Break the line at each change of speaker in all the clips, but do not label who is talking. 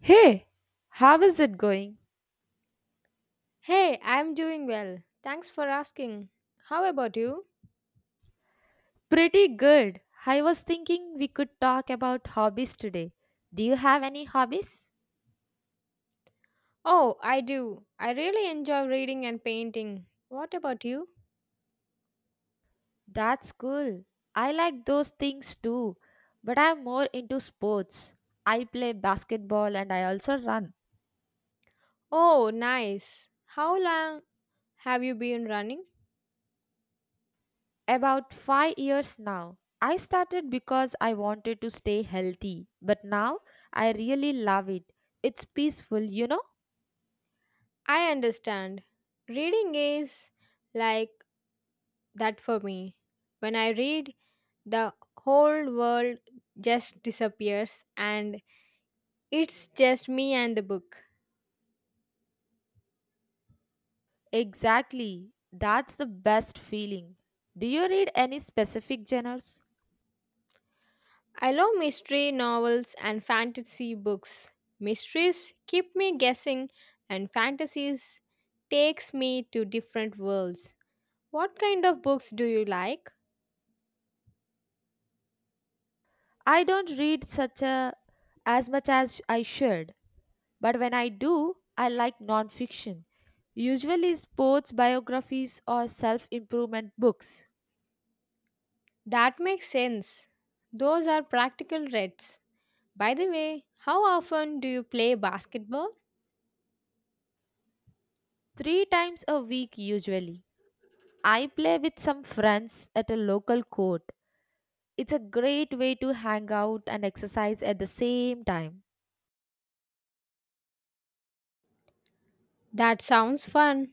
Hey, how is it going?
Hey, I'm doing well. Thanks for asking. How about you?
Pretty good. I was thinking we could talk about hobbies today. Do you have any hobbies?
Oh, I do. I really enjoy reading and painting. What about you?
That's cool. I like those things too, but I'm more into sports. I play basketball and I also run.
Oh, nice. How long have you been running?
About 5 years now. I started because I wanted to stay healthy, but now I really love it. It's peaceful, you know?
I understand. Reading is like that for me. When I read, the whole world just disappears and it's just me and the book.
Exactly. That's the best feeling. Do you read any specific genres?
I love mystery novels and fantasy books. Mysteries keep me guessing and fantasies takes me to different worlds. What kind of books do you like?
I don't read such a As much as I should, but when I do, I like nonfiction. Usually sports biographies or self-improvement books.
That makes sense. Those are practical reads. By the way, how often do you play basketball?
3 times a week usually. I play with some friends at a local court. It's a great way to hang out and exercise at the same time,
That sounds fun.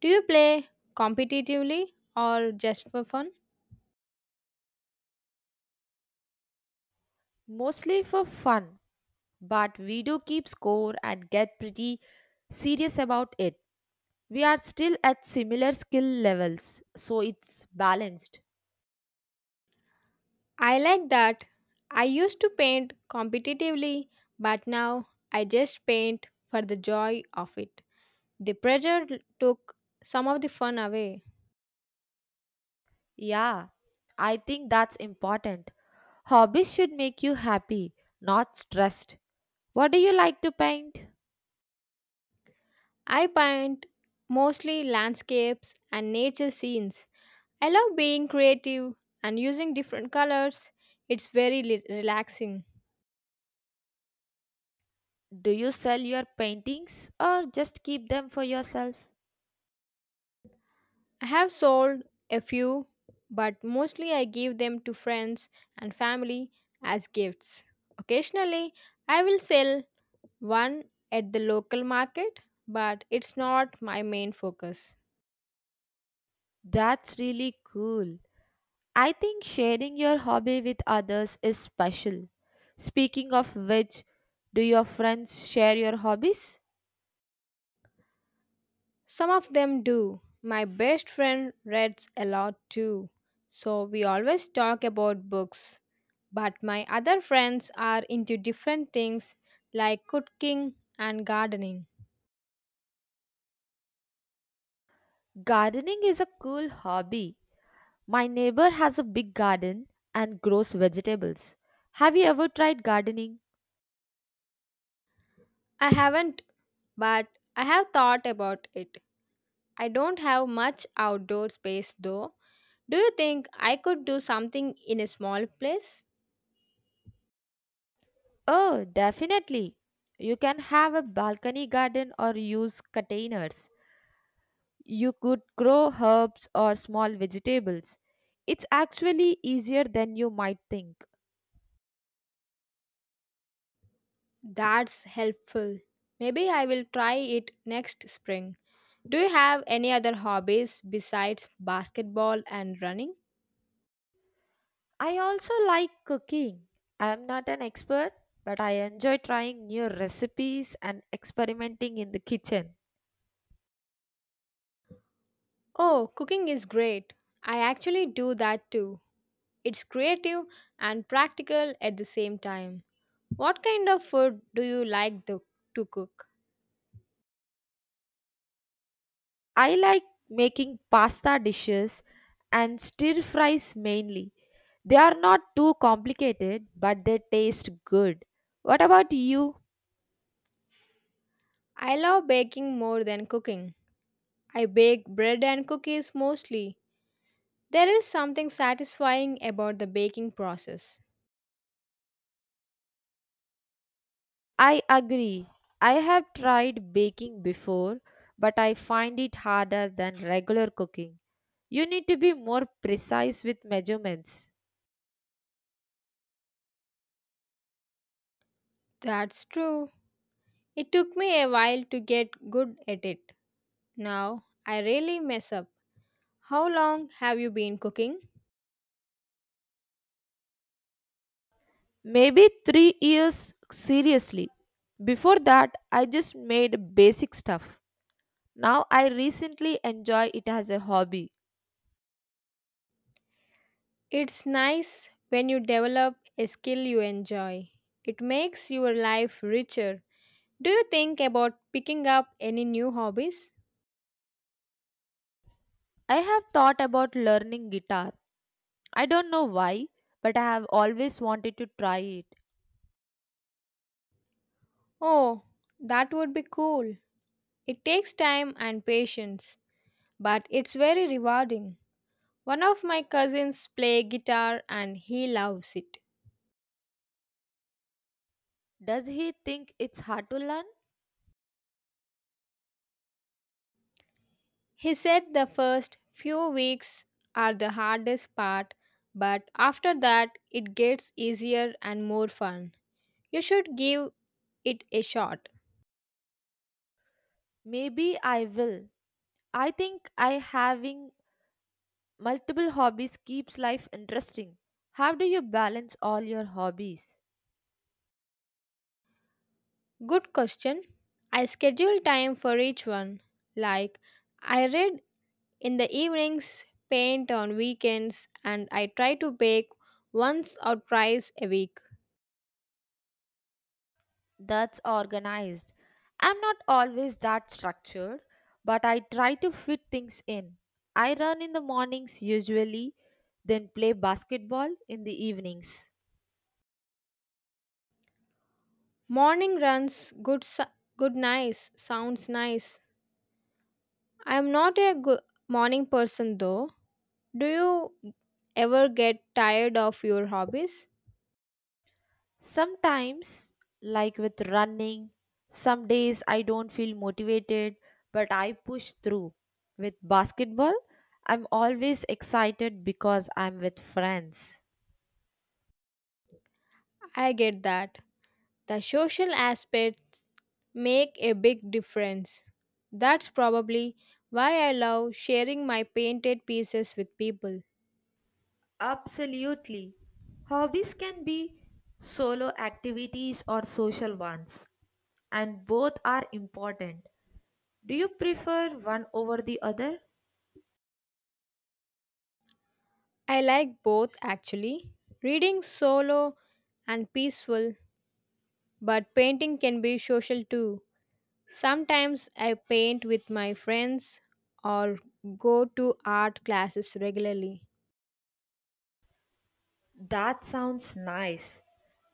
Do you play competitively or just for fun?
mostly for fun. But we do keep score and get pretty serious about it. We are still at similar skill levels, so it's balanced.
I like that. I used to paint competitively, but now I just paint for the joy of it. The pressure took some of the fun away.
Yeah, I think that's important. Hobbies should make you happy, not stressed. What do you like to paint?
I paint mostly landscapes and nature scenes. I love being creative and using different colors. It's very relaxing.
Do you sell your paintings or just keep them for yourself?
I have sold a few, but mostly I give them to friends and family as gifts. Occasionally, I will sell one at the local market, but it's not my main focus.
That's really cool. I think sharing your hobby with others is special. Speaking of which, do your friends share your hobbies?
Some of them do. My best friend reads a lot too, so we always talk about books. But my other friends are into different things like cooking and gardening.
Gardening is a cool hobby. My neighbor has a big garden and grows vegetables. Have you ever tried gardening?
I haven't, but I have thought about it. I don't have much outdoor space though. Do you think I could do something in a small place?
Oh, definitely. You can have a balcony garden or use containers. You could grow herbs or small vegetables. It's actually easier than you might think.
That's helpful. Maybe I will try it next spring. Do you have any other hobbies besides basketball and running?
I also like cooking. I am not an expert, but I enjoy trying new recipes and experimenting in the kitchen.
Oh, cooking is great. I actually do that too. It's creative and practical at the same time. What kind of food do you like to cook?
I like making pasta dishes and stir fries mainly. They are not too complicated, but they taste good. What about you?
I love baking more than cooking. I bake bread and cookies mostly. There is something satisfying about the baking process.
I agree. I have tried baking before, but I find it harder than regular cooking. You need to be more precise with measurements.
That's true. It took me a while to get good at it. Now I really mess up. How long have you been cooking?
Maybe 3 years seriously. Before that, I just made basic stuff. Now I recently enjoy it as a hobby.
It's nice when you develop a skill you enjoy. It makes your life richer. Do you think about picking up any new hobbies?
I have thought about learning guitar. I don't know why, but I have always wanted to try it.
Oh, that would be cool. It takes time and patience, but it's very rewarding. One of my cousins play guitar and he loves it.
Does he think it's hard to learn?
He said the first few weeks are the hardest part, but after that it gets easier and more fun. You should give it a shot.
Maybe I will. I think I having multiple hobbies keeps life interesting. How do you balance all your hobbies?
Good question. I schedule time for each one. Like, I read in the evenings, paint on weekends, and I try to bake once or twice a week.
That's organized. I'm not always that structured, but I try to fit things in. I run in the mornings usually, then play basketball in the evenings.
Morning runs, good, su- good, nice, sounds nice. I am not a good morning person though. Do you ever get tired of your hobbies?
Sometimes, like with running, some days I don't feel motivated, but I push through. With basketball, I'm always excited because I'm with friends.
I get that. The social aspects make a big difference. That's probably why I love sharing my painted pieces with people.
Absolutely. Hobbies can be solo activities or social ones, and both are important. Do you prefer one over the other?
I like both actually. Reading solo and peaceful, but painting can be social too. Sometimes I paint with my friends or go to art classes regularly.
That sounds nice.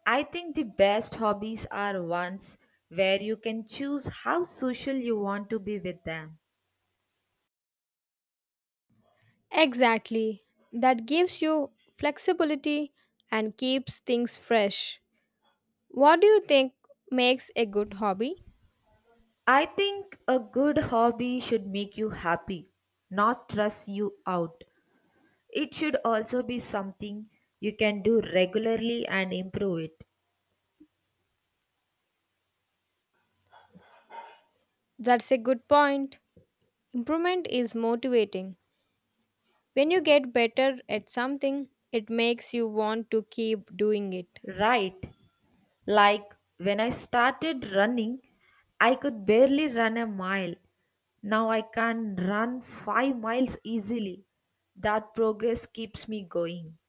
I think the best hobbies are ones where you can choose how social you want to be with them.
Exactly. That gives you flexibility and keeps things fresh. What do you think makes a good hobby?
I think a good hobby should make you happy, not stress you out. It should also be something you can do regularly and improve it.
That's a good point. Improvement is motivating. When you get better at something, it makes you want to keep doing it.
Right? Like when I started running, I could barely run a mile. Now I can run 5 miles easily. That progress keeps me going.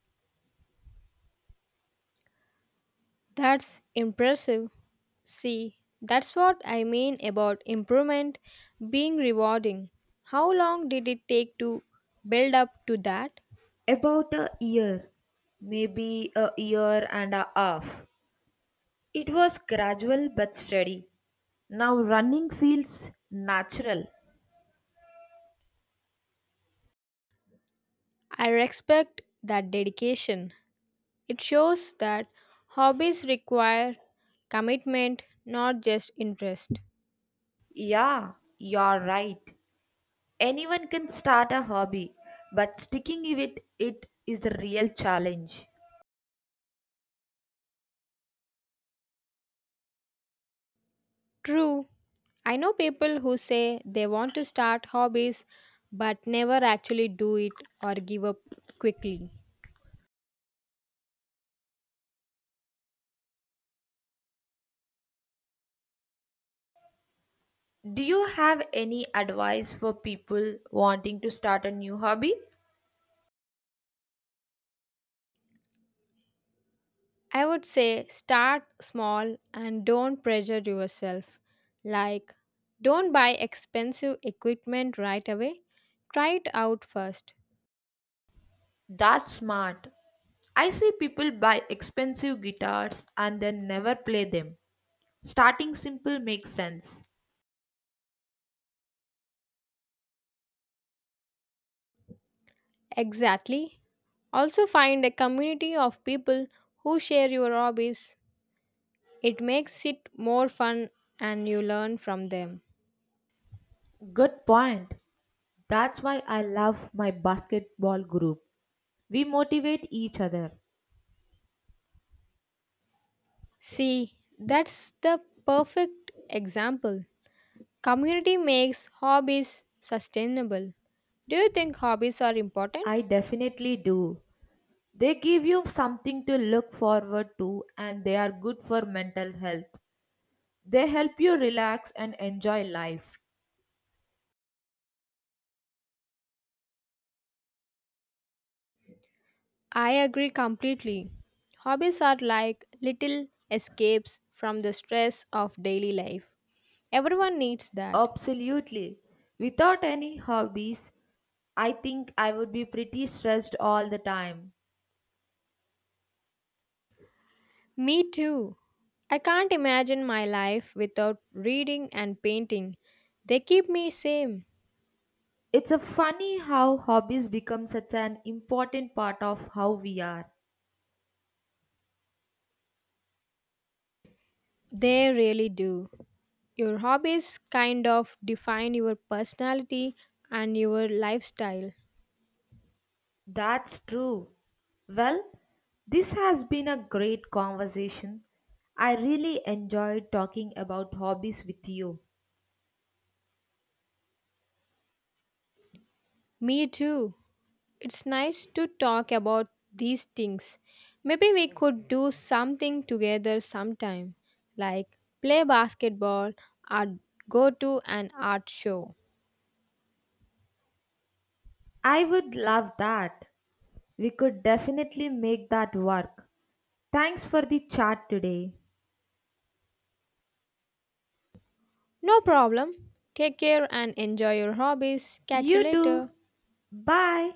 That's impressive. See, that's what I mean about improvement being rewarding. How long did it take to build up to that?
About a year, maybe a year and a half. It was gradual but steady. Now running feels natural.
I respect that dedication. It shows that hobbies require commitment, not just interest.
Yeah, you're right. Anyone can start a hobby, but sticking with it is the real challenge.
True, I know people who say they want to start hobbies but never actually do it or give up quickly.
Do you have any advice for people wanting to start a new hobby?
I would say start small and don't pressure yourself. Like, don't buy expensive equipment right away, try it out first.
That's smart. I see people buy expensive guitars and then never play them. Starting simple makes sense.
Exactly. Also, find a community of people who share your hobbies. It makes it more fun and you learn from them.
Good point. That's why I love my basketball group. We motivate each other.
See, that's the perfect example. Community makes hobbies sustainable. Do you think hobbies are important?
I definitely do. They give you something to look forward to and they are good for mental health. They help you relax and enjoy life.
I agree completely. Hobbies are like little escapes from the stress of daily life. Everyone needs that.
Absolutely. Without any hobbies, I think I would be pretty stressed all the time.
Me too. I can't imagine my life without reading and painting. They keep me sane.
It's a funny how hobbies become such an important part of how we are.
They really do. Your hobbies kind of define your personality and your lifestyle.
That's true. Well, this has been a great conversation. I really enjoyed talking about hobbies with you.
Me too. It's nice to talk about these things. Maybe we could do something together sometime, like play basketball or go to an art show.
I would love that. We could definitely make that work. Thanks for the chat today.
No problem. Take care and enjoy your hobbies. Catch you
You do.
later.
Bye.